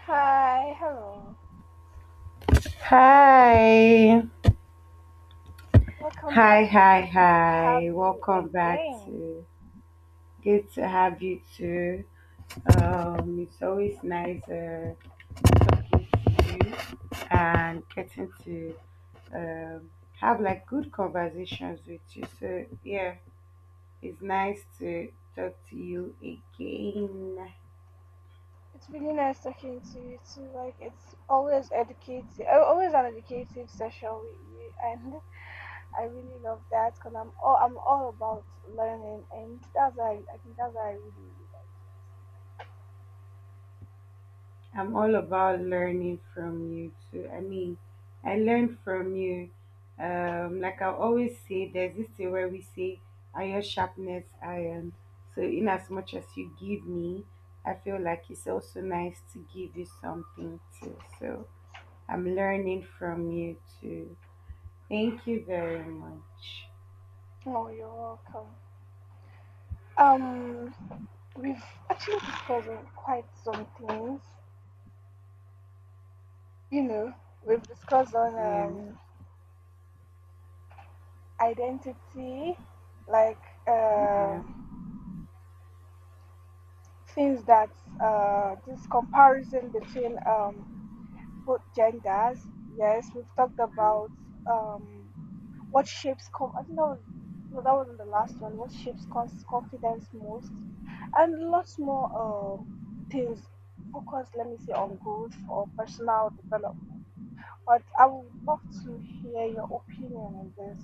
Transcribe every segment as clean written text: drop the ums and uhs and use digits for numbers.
Hi, hello. Hi. Welcome Hi, back. hi, Good to have hi. you Welcome back again. to, good to have you too. It's always nice talking to you and getting to um, have like good conversations with you. So yeah, it's nice to talk to you again. It's really nice talking to you too. Like it's always educative, always an educative session with you, and I really love that because I'm all about learning, and that's why I think that's why I really, really I'm all about learning from you too. I mean, I learn from you. Like I always say, there's this thing where we say, iron sharpness iron. So, in as much as you give me, I feel like it's also nice to give you something too. So, I'm learning from you too. Thank you very much. like. Oh, you're welcome. Um, we've actually discussed on quite some things. You know, we've discussed on Yeah, identity, like yeah. um things that this comparison between both genders, yes, we've talked about um, what shapes. I think that was no, that wasn't the last one. What shapes confidence most, and lots more things. Focus, let me say, on growth or personal development. But I would love to hear your opinion on this.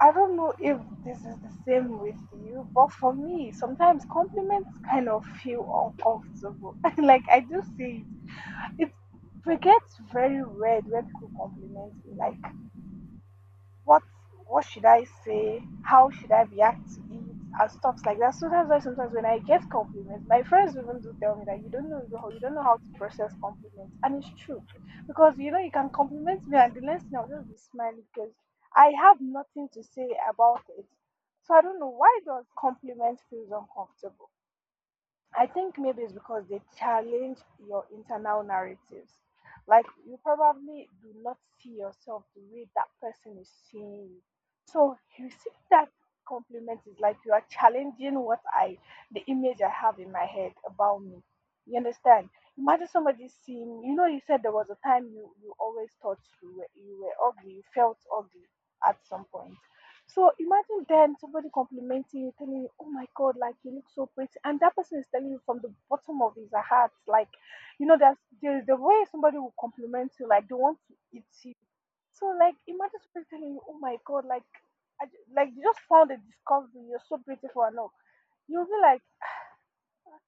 I don't know if this is the same with you, but for me, sometimes compliments kind of feel uncomfortable. Like I do see it. It gets very weird when people compliment me. Like what what should I say? How should I react to it? And stuff like that. So that's why sometimes when I get compliments, my friends even do tell me that you don't know how to process compliments, and it's true, because you know you can compliment me, and the next thing I'll just be smiling because I have nothing to say about it. So I don't know why does compliment feels uncomfortable. I think maybe it's because they challenge your internal narratives. Like you probably do not see yourself the way that person is seeing you. So you see that compliment is like you are challenging what I the image I have in my head about me. You understand? Imagine somebody seeing you know you said there was a time you always thought you were ugly, you felt ugly at some point. So imagine then somebody complimenting you, telling you, "Oh my God, like you look so pretty," and that person is telling you from the bottom of his heart, like, you know, that's the way somebody will compliment you, like they want to eat you. So like, imagine somebody telling you, "Oh my God, like, like you just found a discovery, you're so beautiful," and all. You'll be like,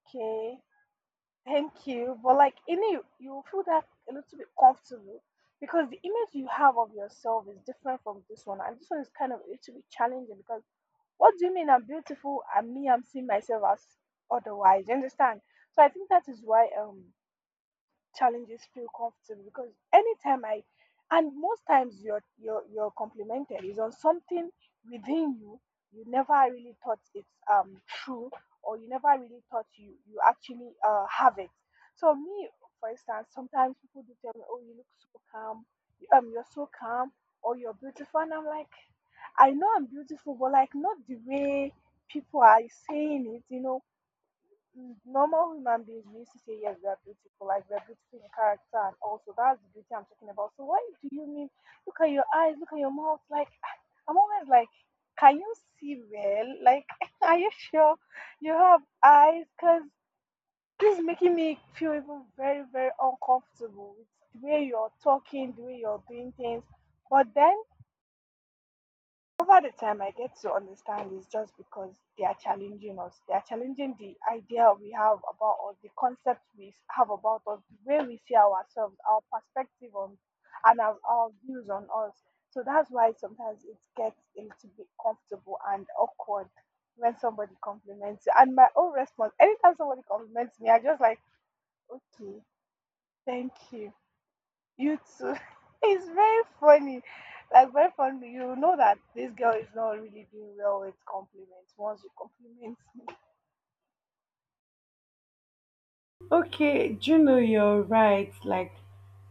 "Okay, thank you," but like in you, you feel that a little bit comfortable. Because the image you have of yourself is different from this one, and this one is kind of a little bit challenging because what do you mean I'm beautiful and me I'm seeing myself as otherwise? You understand? So I think that is why challenges feel comfortable because anytime I and most times you're complimented is on something within you you never really thought it's true or you never really thought you actually have it. So me, for instance, sometimes people do tell me, oh, you look so calm, you're so calm or you're beautiful and I'm like I know I'm beautiful, but like not the way people are saying it. You know, mm, normal human beings we used to say yes, we are beautiful, like we are beautiful in character, and also that's the beauty I'm talking about. So why do you mean? Look at your eyes, look at your mouth. Like I'm always like, can you see well? Like, are you sure you have eyes? Cause this is making me feel even very, very uncomfortable with the way you're talking, the way you're doing things. But then over the time, I get to understand it's just because they are challenging us. They are challenging the idea we have about us, the concept we have about us, the way we see ourselves, our perspective on, and our views on us. So that's why sometimes it gets a little bit comfortable and awkward when somebody compliments you. And my own response, anytime somebody compliments me, I just like, okay, thank you you too. It's very funny. Like very funny. You know that this girl is not really doing well with compliments once you compliment me. Okay, do you know you're right. Like,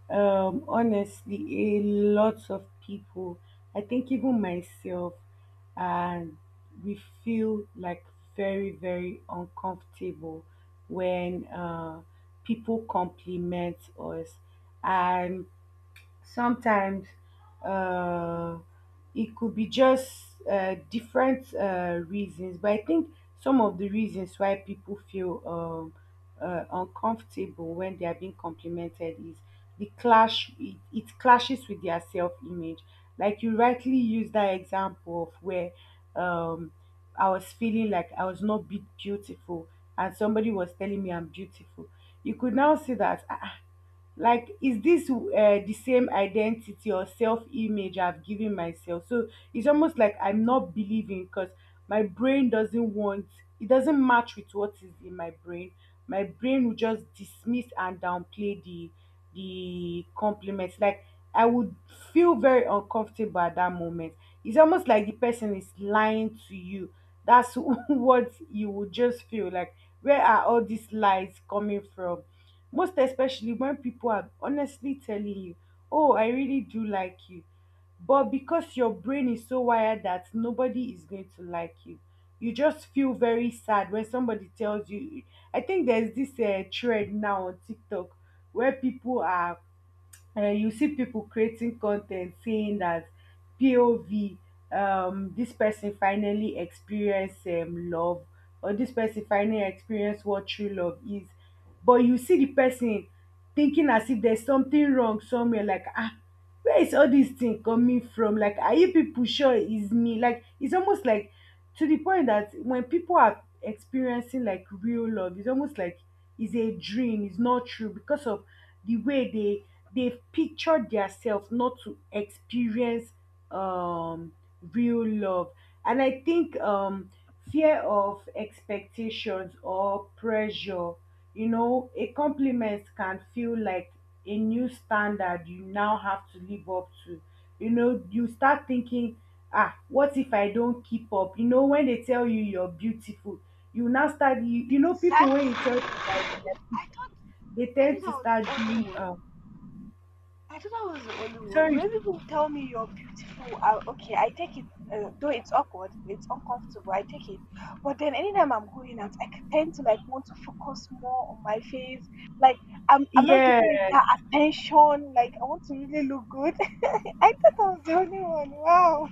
honestly, a lot of people, I think even myself, and we feel like very, very uncomfortable when people compliment us. And sometimes uh, it could be just different reasons, but I think some of the reasons why people feel uncomfortable when they are being complimented is the clash. It clashes with their self-image, like you rightly used that example of where um, I was feeling like I was not beautiful and somebody was telling me I'm beautiful. You could now see that, like, is this the same identity or self-image I've given myself? So it's almost like I'm not believing because my brain doesn't want, it doesn't match with what is in my brain. My brain will just dismiss and downplay the compliments. Like, I would feel very uncomfortable at that moment. It's almost like the person is lying to you. That's what you would just feel like, where are all these lies coming from, most especially when people are honestly telling you, "Oh, I really do like you." But because your brain is so wired that nobody is going to like you just feel very sad when somebody tells you. I think there's this trend now on TikTok where people are, you see people creating content saying that, POV, this person finally experienced love, or this person finally experienced what true love is. But you see the person thinking as if there's something wrong somewhere, like, ah, where is all this thing coming from? Like, are you people sure it's me? Like, it's almost like, to the point that when people are experiencing like real love, it's almost like it's a dream, it's not true because of the way they've pictured theirself not to experience um real love. And I think fear of expectations or pressure, a compliment can feel like a new standard you now have to live up to. You know you start thinking, ah, what if I don't keep up? When they tell you you're beautiful, you now start, you know people, when Exactly. you tell them I that, thought they I thought I was tend to start the doing only one. I thought I was the only one. sorry. When people tell me you're beautiful, I, okay, I take it. Though it's awkward, it's uncomfortable. I take it, but then anytime I'm going out, I tend to like want to focus more on my face. Like I'm not Yeah. giving it that attention. Like I want to really look good. I thought I was the only one. Wow,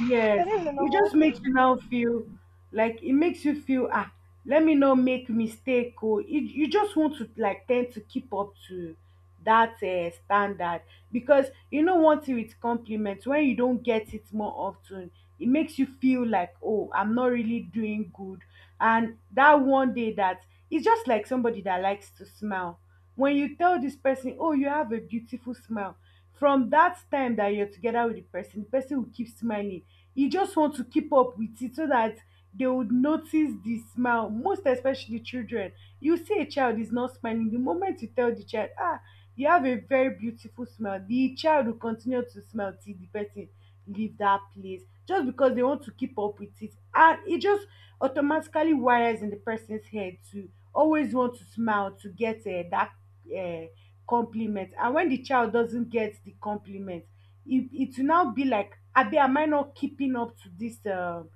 Yes, that is a it just normal thing, makes you now feel like, it makes you feel, ah, let me not make mistake. Or you just want to like tend to keep up to that standard because, you know, one thing with compliments, when you don't get it more often, it makes you feel like, oh, I'm not really doing good. And that one day that, it's just like somebody that likes to smile. When you tell this person, oh, you have a beautiful smile, from that time that you're together with the person, the person will keep smiling. You just want to keep up with it so that they would notice the smile, most especially children. You see a child is not smiling, the moment you tell the child, ah, you have a very beautiful smile, the child will continue to smile till the person leave that place, just because they want to keep up with it. And it just automatically wires in the person's head to always want to smile to get that uh, compliment. And when the child doesn't get the compliment, it will now be like, abi, am I not keeping up to this,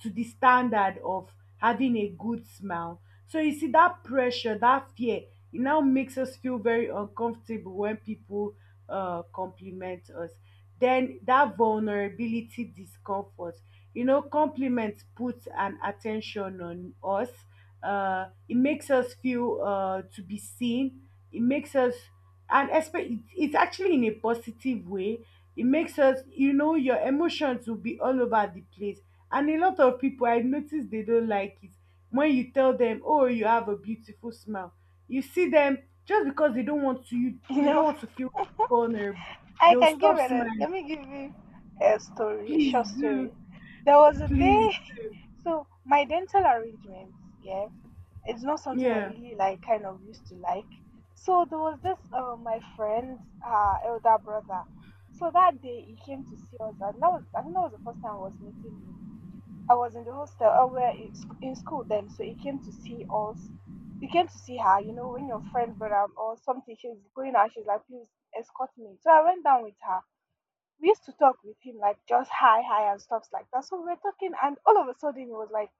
to the standard of having a good smile? So you see that pressure, that fear, it now makes us feel very uncomfortable when people compliment us. Then that vulnerability, discomfort, compliments put an attention on us. Uh it makes us feel to be seen. It makes us and expect, it's actually in a positive way, it makes us, your emotions will be all over the place. And a lot of people, I notice they don't like it when you tell them, oh, you have a beautiful smile. You see them, just because you they don't know. want to feel vulnerable, I they'll can give stop it. A, smiling. let me give you a story, a Please short do. story. There was a Please. day. So my dental arrangements, yeah, it's not something I Yeah. really like kind of used to like. So there was this my friend's elder brother. So that day he came to see us, and that was I think that was the first time I was meeting him. I was in the hostel, we were in in school then, so he came to see us. He came to see her, you know, when your friend brother or something, she's going out, she's like, please escort me. So I went down with her. We used to talk with him, like just hi, hi, and stuff like that. So we were talking, and all of a sudden, he was like,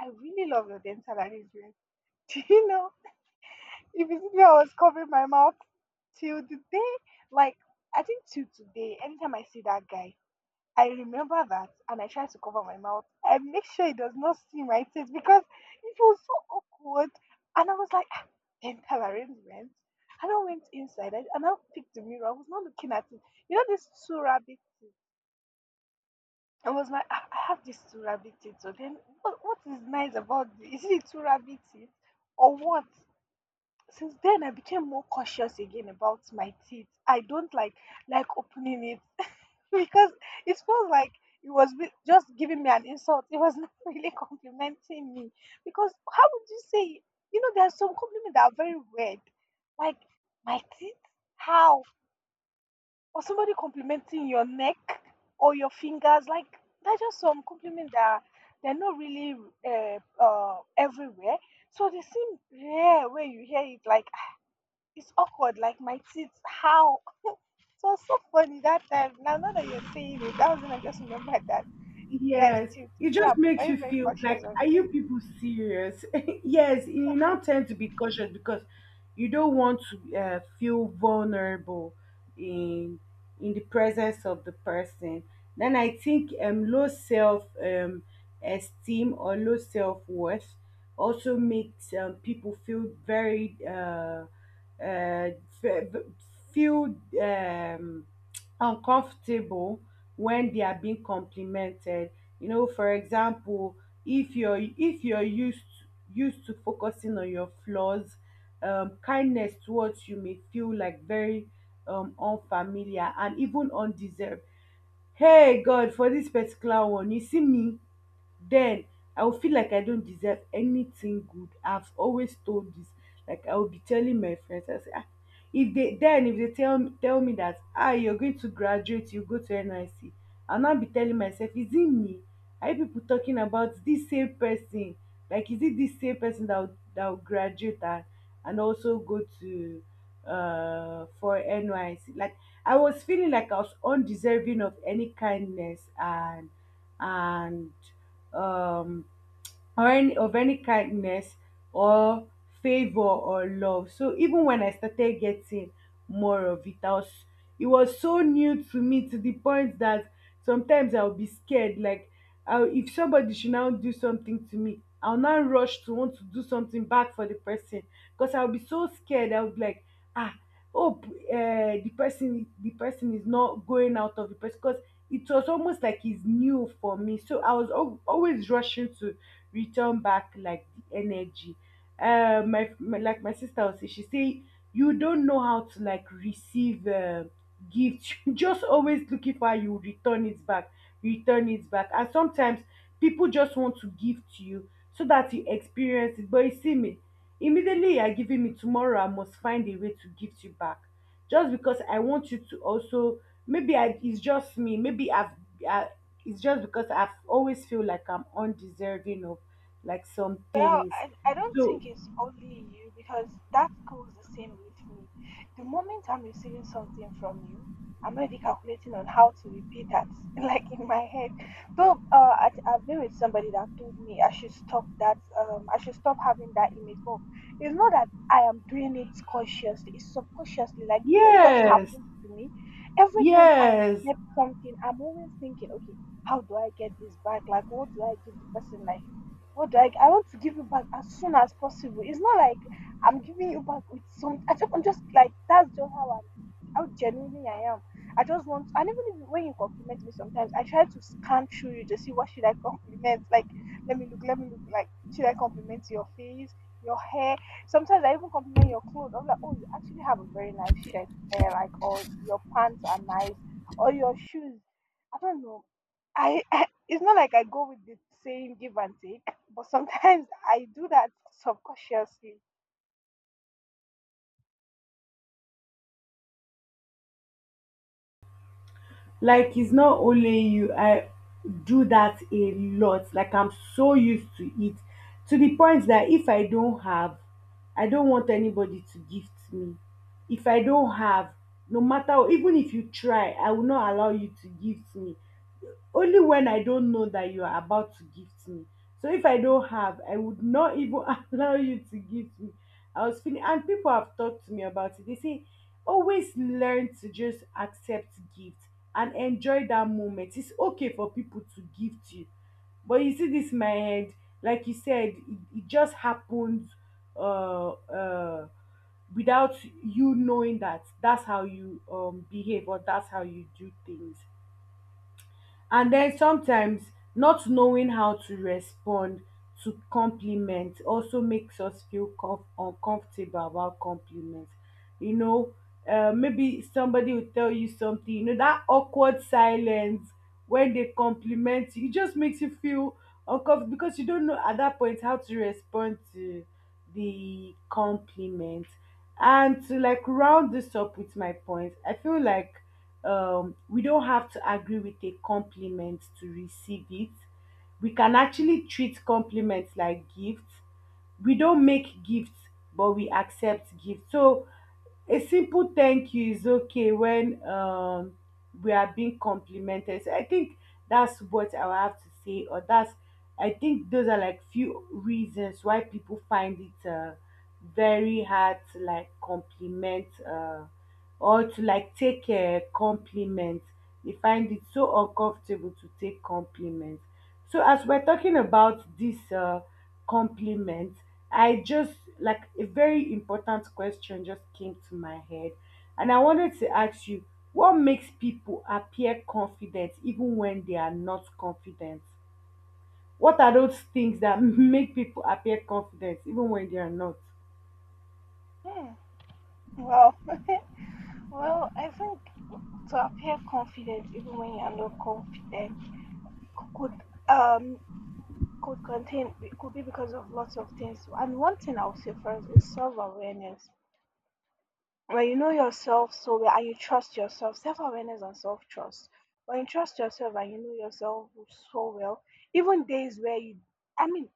I really love your dental arrangement. Do you know? If you see me, I was covering my mouth till the day, like I think till today. Anytime I see that guy, I remember that, and I try to cover my mouth. I make sure he does not see my face because it was so awkward. And I was like, "Ah, dental arrangement. And I went inside and I picked the mirror. I was not looking at it. You know this Surah big thing. I was like, "Ah, I have this Surah big teeth. So then, what is nice about this? Is it Surah big teeth or what? Since then I became more cautious again about my teeth I don't like opening it because it feels like it was just giving me an insult it was not really complimenting me because how would you say you know there are some compliments that are very weird like my teeth how or somebody complimenting your neck or your fingers like that's just some compliments that they're not really everywhere so they seem rare when you hear it like it's awkward, like my teeth, how? So it was so funny that time. Now that you're saying it, that was when I just remembered that, yes, Yes, till it today just I'm makes very, you very feel cautious like, of are it. you people serious? Yes, you now tend to be cautious because you don't want to feel vulnerable in in the presence of the person. Then I think low self esteem or low self worth also makes people feel very uh, fe- feel um, uncomfortable when they are being complimented. You know for example, if you're used to focusing on your flaws, kindness towards you may feel like very unfamiliar and even undeserved. Hey God, for this particular one, you see me. Then I will feel like I don't deserve anything good. I've always told this, like I will be telling my friends, I say, ah, if they tell me that, ah, you're going to graduate, you go to NYSC. I'll now be telling myself, is it me? Are you people talking about this same person? Like, is it this same person that will graduate and, also go to for NYC? Like, I was feeling like I was undeserving of any kindness, and and um, or any of any kindness or favor or love. So even when I started getting more of it, I was it was so new to me to the point that sometimes I'll be scared. Like if somebody should now do something to me, I'll now rush to want to do something back for the person because I'll be so scared. I'll be like, ah, hope the person is not going out of the person because it was almost like it's new for me. So I was always rushing to return back like the energy. My, like my sister will say, she say you don't know how to like receive gifts. Just always looking for how you return it back, and sometimes people just want to give to you so that you experience it. But you see me, immediately you are giving me, tomorrow I must find a way to give you back, just because I want you to also, maybe I it's just me, maybe I, it's just because I've always feel like I'm undeserving of like some Well, things. I don't So think it's only you because that goes the same with me. The moment I'm receiving something from you, I'm already calculating on how to repeat that, like in my head. Though I've been with somebody that told me I should stop that, I should stop having that image. But it's not that I am doing it consciously, it's subconsciously. Like, it just yes, happens to me. Every time I yes. get something, I'm always thinking, okay, how do I get this back? Like, what do I give the person? Like, what do I want to give you back as soon as possible. It's not like I'm giving you back with some. I'm just like that's just how how genuinely I am. I just want, and even if, when you compliment me, sometimes I try to scan through you to see what should I compliment. Like, let me look. Like, should I compliment your face, your hair? Sometimes I even compliment your clothes. I'm like, oh, you actually have a very nice shirt, eh, like, or your pants are nice, or your shoes. I don't know. I it's not like I go with the same give and take. But sometimes I do that subconsciously. Like it's not only you. I do that a lot. Like I'm so used to it, to the point that if I don't have, I don't want anybody to gift me. If I don't have, no matter even if you try, I will not allow you to gift me. Only when I don't know that you are about to gift me. So if I don't have, I would not even allow you to gift me. I was feeling, and people have talked to me about it, they say, always learn to just accept gift and enjoy that moment, it's okay for people to gift you. But you see this my head, like you said, it just happened, uh uh without you knowing that that's how you behave or that's how you do things. And then sometimes, not knowing how to respond to compliments also makes us feel uncomfortable about compliments. You know, Maybe somebody will tell you something, that awkward silence when they compliment you, it just makes you feel uncomfortable because you don't know at that point how to respond to the compliment. And to like round this up with my point, I feel like, we don't have to agree with a compliment to receive it. We can actually treat compliments like gifts. We don't make gifts, but we accept gifts. So a simple thank you is okay when we are being complimented. So I think that's what I will have to say, or that's, I think those are like few reasons why people find it very hard to like compliment, or to like take a compliment. They find it so uncomfortable to take compliments. So as we're talking about this compliment, I just like a very important question just came to my head, and I wanted to ask you, what makes people appear confident even when they are not confident? What are those things that make people appear confident even when they are not? Hmm. Well, well, I think to appear confident even when you're not confident could um could contain could be because of lots of things. And one thing I'll say first is self awareness. When you know yourself so well and you trust yourself, self awareness and self trust. When you trust yourself and you know yourself so well, even days where you I mean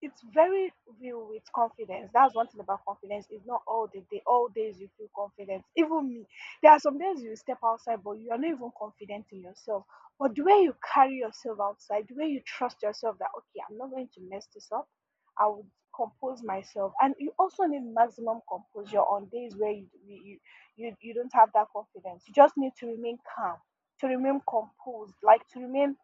it's very real with confidence. That's one thing about confidence. It's not all the day, all days you feel confident. Even me, there are some days you step outside, but you are not even confident in yourself. But the way you carry yourself outside, the way you trust yourself that, okay, I'm not going to mess this up, I would compose myself. And you also need maximum composure on days where you don't have that confidence. You just need to remain calm, to remain composed, like to remain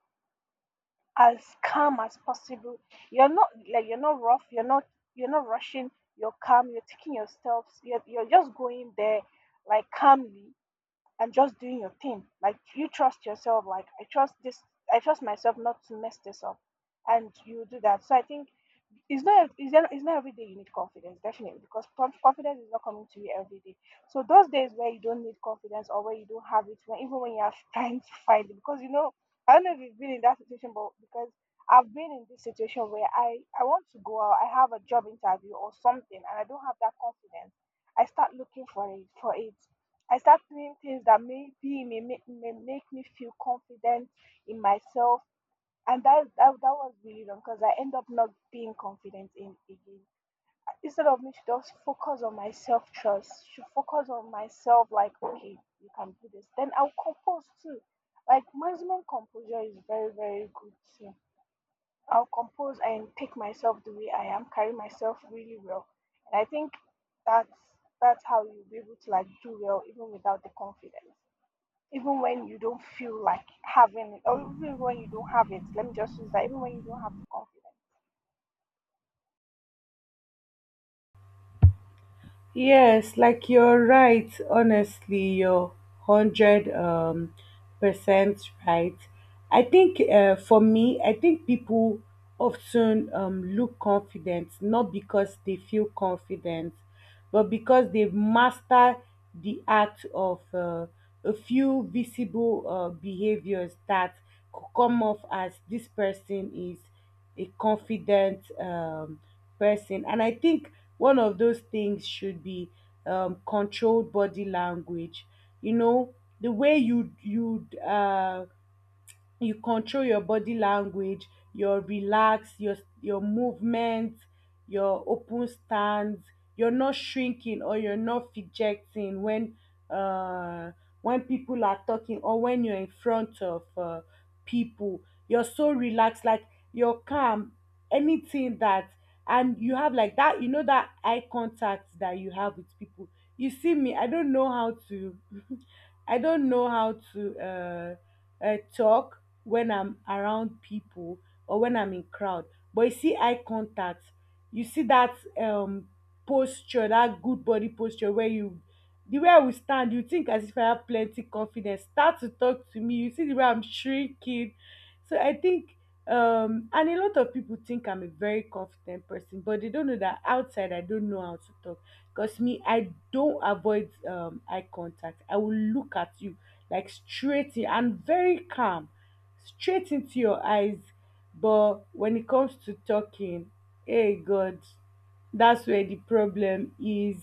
as calm as possible. You're not like you're not rough. You're not rushing. You're calm. You're taking your steps. You're just going there like calmly and just doing your thing. Like you trust yourself. Like I trust this. I trust myself not to mess this up, and you do that. So I think it's not ev- it's not every day you need confidence definitely because confidence is not coming to you every day, so those days where you don't need confidence or where you don't have it when, even when you are trying to find it because I don't know if you've been in that situation, but because I've been in this situation where I want to go out, I have a job interview or something and I don't have that confidence. I start looking for it. I start doing things that may make me feel confident in myself. And that was really wrong because I end up not being confident in again. Instead of me to just focus on my self trust, should focus on myself. Like okay, you can do this. Then I'll compose too. Like maximum composure is very very good too. I'll compose and take myself the way I am, carry myself really well, and I think that's how you'll be able to like do well even without the confidence, even when you don't feel like having it, or even when you don't have it, let me just use that, even when you don't have the confidence. Yes, like you're right. Honestly, you're hundred percent right. I think for me, I think people often look confident not because they feel confident, but because they've mastered the art of a few visible behaviors that could come off as this person is a confident person. And I think one of those things should be controlled body language. You know, the way you control your body language, your relax, your movement, your open stance. You're not shrinking or you're not fidgeting when uh, when people are talking or when you're in front of people. You're so relaxed, like you're calm. Anything that And you have like that, you know, that eye contact that you have with people. You see me, I don't know how to, I don't know how to talk when I'm around people or when I'm in crowd. But you see eye contact, you see that posture, that good body posture where you the way I will stand, you think as if I have plenty confidence. Start to talk to me. You see the way I'm shrinking. So I think, and a lot of people think I'm a very confident person, but they don't know that outside I don't know how to talk. Because me, I don't avoid eye contact. I will look at you like straight in and very calm, straight into your eyes. But when it comes to talking, hey God, that's where the problem is.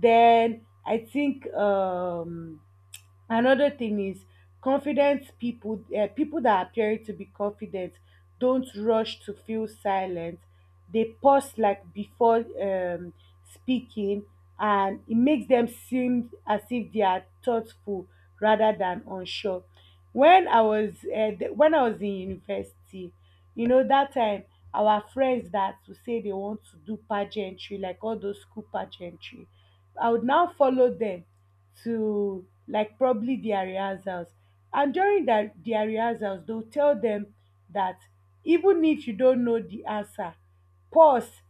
Then I think, another thing is confident people, people that appear to be confident, don't rush to feel silent. They pause like before speaking, and it makes them seem as if they are thoughtful rather than unsure. When I was in university, you know that time our friends that would say they want to do pageantry like all those school pageantry, I would now follow them to like probably their rehearsals. And during their rehearsals, they'll tell them that even if you don't know the answer, pause,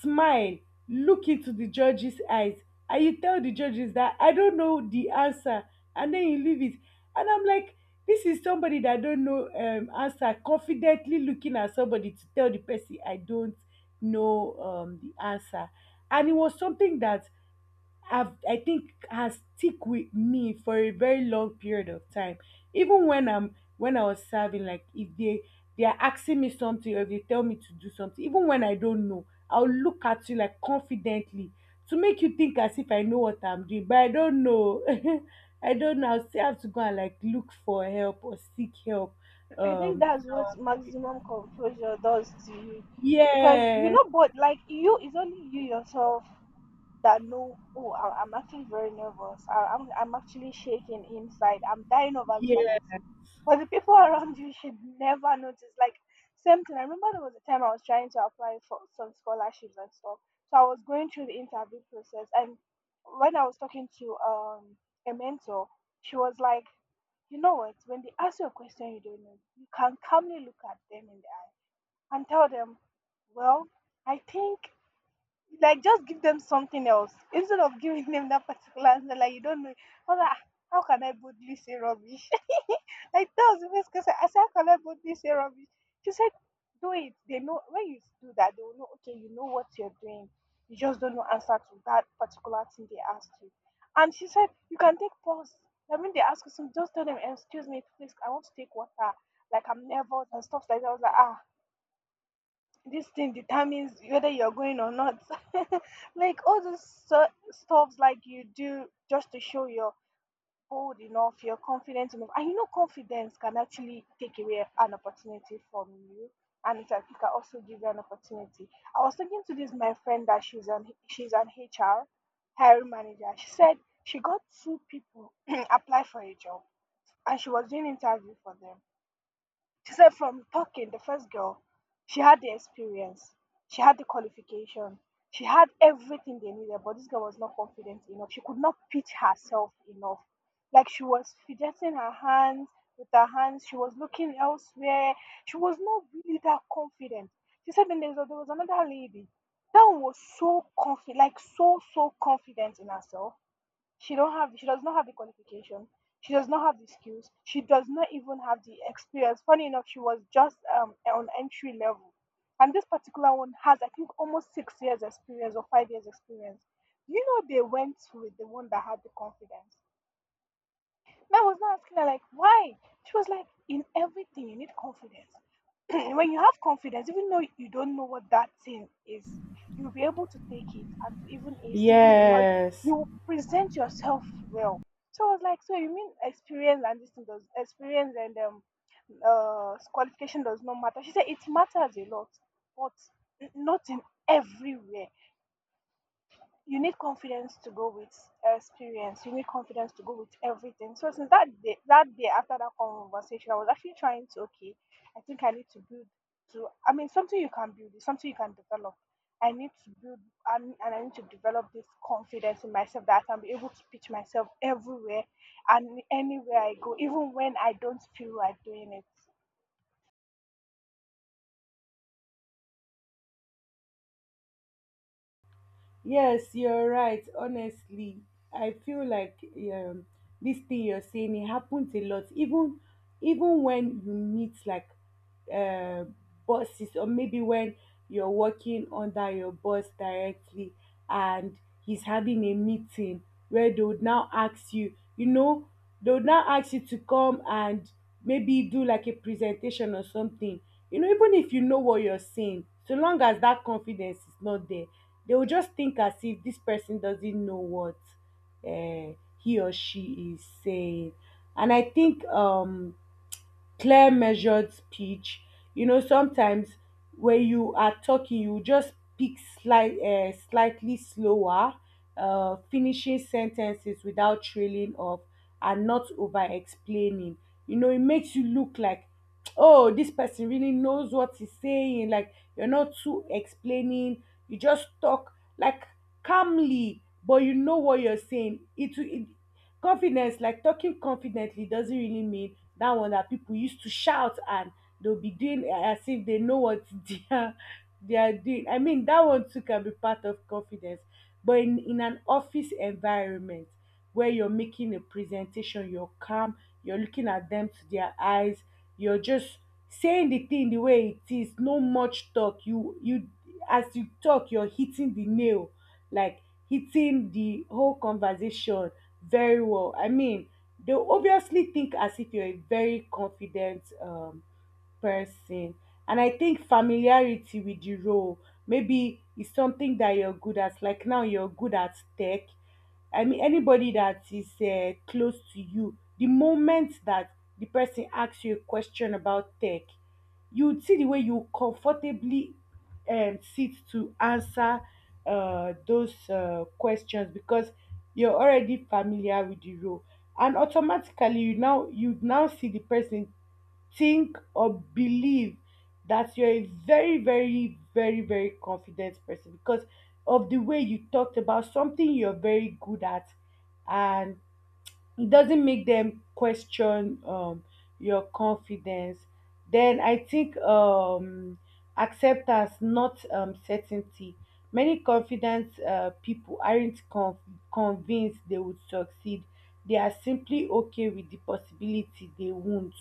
smile, look into the judges eyes and you tell the judges that I don't know the answer, and then you leave it. And I'm like, this is somebody that don't know answer confidently looking at somebody to tell the person I don't know the answer. And it was something that have I think has stick with me for a very long period of time. Even when I was serving, like if they are asking me something or if they tell me to do something, even when I don't know, I'll look at you like confidently to make you think as if I know what I'm doing, but I don't know. I don't know. I'll still have to go and like look for help or seek help. I think that's So, what maximum composure does to you. Because you're yes. not bored, like you, it's only you yourself that, no, oh, I'm actually very nervous, I'm actually shaking inside, I'm dying of Yes. anxiety, but the people around you should never notice. Like same thing, I remember there was a time I was trying to apply for some scholarships and stuff, so I was going through the interview process and when I was talking to a mentor, she was like, you know what, when they ask you a question you don't know, you can calmly look at them in the eye and tell them, well, I think, like just give them something else instead of giving them that particular answer. Like you don't know. I was like, "Ah, how can I boldly say rubbish?" Like that was the first question. I said, how can I boldly say rubbish? She said, do it. They know when you do that, they will know, okay, you know what you're doing. You just don't know answer to that particular thing they asked you. And she said, you can take pause. I mean, they ask you something, just tell them, excuse me, please, I want to take water. Like I'm nervous and stuff like that. I was like, ah, this thing determines whether you're going or not. Like all those stuffs like you do just to show you're bold enough, you're confident enough. And you know confidence can actually take away an opportunity from you. And it can also give you an opportunity. I was talking to this my friend that she's an HR hiring manager. She said she got two people apply for a job and she was doing interview for them. She said from talking, the first girl, she had the experience, she had the qualification, she had everything they needed, but this girl was not confident enough. She could not pitch herself enough. Like she was fidgeting her hands with her hands, she was looking elsewhere. She was not really that confident. She said then there was another lady. That one was so confident, like so, so confident in herself. She does not have the qualification, she does not have the skills, she does not even have the experience. Funny enough, she was just on entry level, and this particular one has, I think, almost 6 years experience or 5 years experience. Do you know they went with the one that had the confidence? And I was not asking her like why. She was like, in everything you need confidence. When you have confidence, even though you don't know what that thing is, you'll be able to take it and to even ace it because Yes. you will present yourself well. So I was like, so you mean experience and qualification does not matter? She said it matters a lot, but not in everywhere, you need confidence to go with experience. You need confidence to go with everything. So since that day after that conversation, I was actually trying to okay, I think I need to build to. I mean, something you can build, is something you can develop. I need to build and, I need to develop this confidence in myself that I can be able to pitch myself everywhere and anywhere I go, even when I don't feel like doing it. Yes, you're right. Honestly, I feel like, um, this thing you're saying, it happens a lot. Even when you meet like uh, bosses, or maybe when you're working under your boss directly, and he's having a meeting where they would now ask you, they would now ask you to come and maybe do like a presentation or something. You know, even if you know what you're saying, so long as that confidence is not there, they will just think as if this person doesn't know what uh, he or she is saying. And I think, clear measured speech, sometimes when you are talking you just speak slightly slower, finishing sentences without trailing off and not over explaining. It makes you look like, oh, this person really knows what he's saying. Like you're not too explaining, you just talk like calmly, but you know what you're saying. It Confidence, like talking confidently, doesn't really mean that one that people used to shout and they'll be doing as if they know what they are doing. I mean, that one too can be part of confidence. But in an office environment where you're making a presentation, you're calm, you're looking at them to their eyes, you're just saying the thing the way it is, no much talk. You as you talk, you're hitting the nail, like hitting the whole conversation very well. I mean, they obviously think as if you're a very confident person. And I think familiarity with the role maybe is something that you're good at. Like now, you're good at tech. I mean, anybody that is close to you, the moment that the person asks you a question about tech, you would see the way you comfortably sit to answer those questions because you're already familiar with the role, and automatically you now see the person think or believe that you're a very, very, very, very confident person because of the way you talked about something you're very good at, and it doesn't make them question your confidence. Then I think, acceptance, not certainty. Many confident people aren't convinced they would succeed. They are simply okay with the possibility they won't.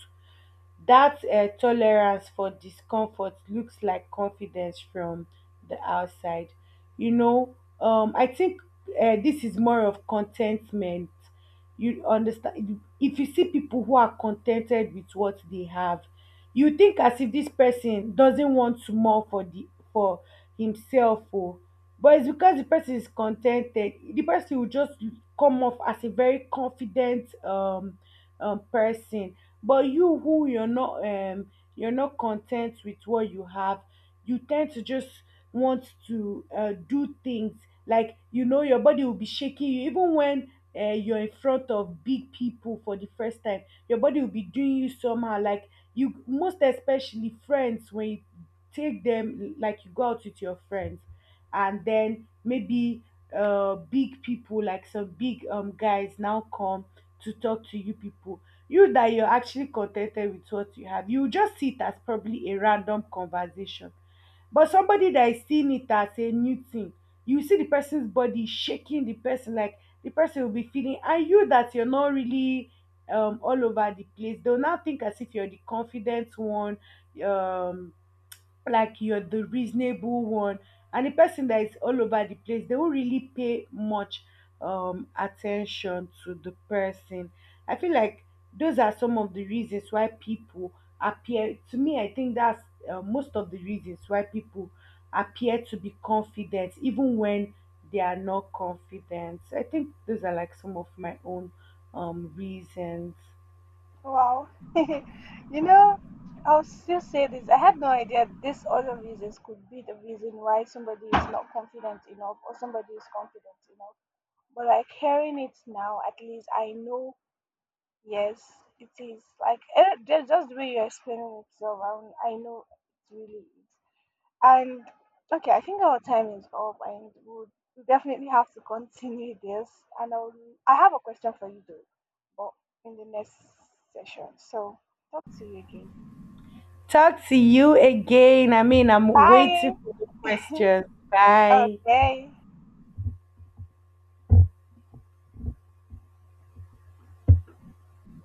That tolerance for discomfort looks like confidence from the outside. You know, I think this is more of contentment. You understand? If you see people who are contented with what they have, you think as if this person doesn't want more for the for himself, or but it's because the person is contented, the person will just come off as a very confident, person. But you who you're not, you're not content with what you have, you tend to just want to do things. Like, your body will be shaking you, even when you're in front of big people for the first time. Your body will be doing you somehow. Like you, most especially friends, when you take them, like you go out with your friends and then maybe big people, like some big guys now come to talk to you people, you that you're actually contented with what you have, you just see it as probably a random conversation. But somebody that is seeing it as a new thing, you see the person's body shaking, the person, like the person will be feeling, and you that you're not really all over the place, they'll now think as if you're the confident one, um like you're the reasonable one, and the person that is all over the place, they won't really pay much attention to the person. I feel like those are some of the reasons why people appear to me, I think that's most of the reasons why people appear to be confident even when they are not confident. I think those are like some of my own reasons. Wow. You know, I'll still say this. I had no idea this other reasons could be the reason why somebody is not confident enough or somebody is confident enough. But like hearing it now, at least I know, yes, it is. Like eh, just the way you're explaining it, so I know it really is. And okay, I think our time is up, and we'll, we definitely have to continue this. And I'll, I have a question for you though, but in the next session. So talk to you again. Talk to you again. I mean, I'm waiting Bye. for the questions. Bye. Okay.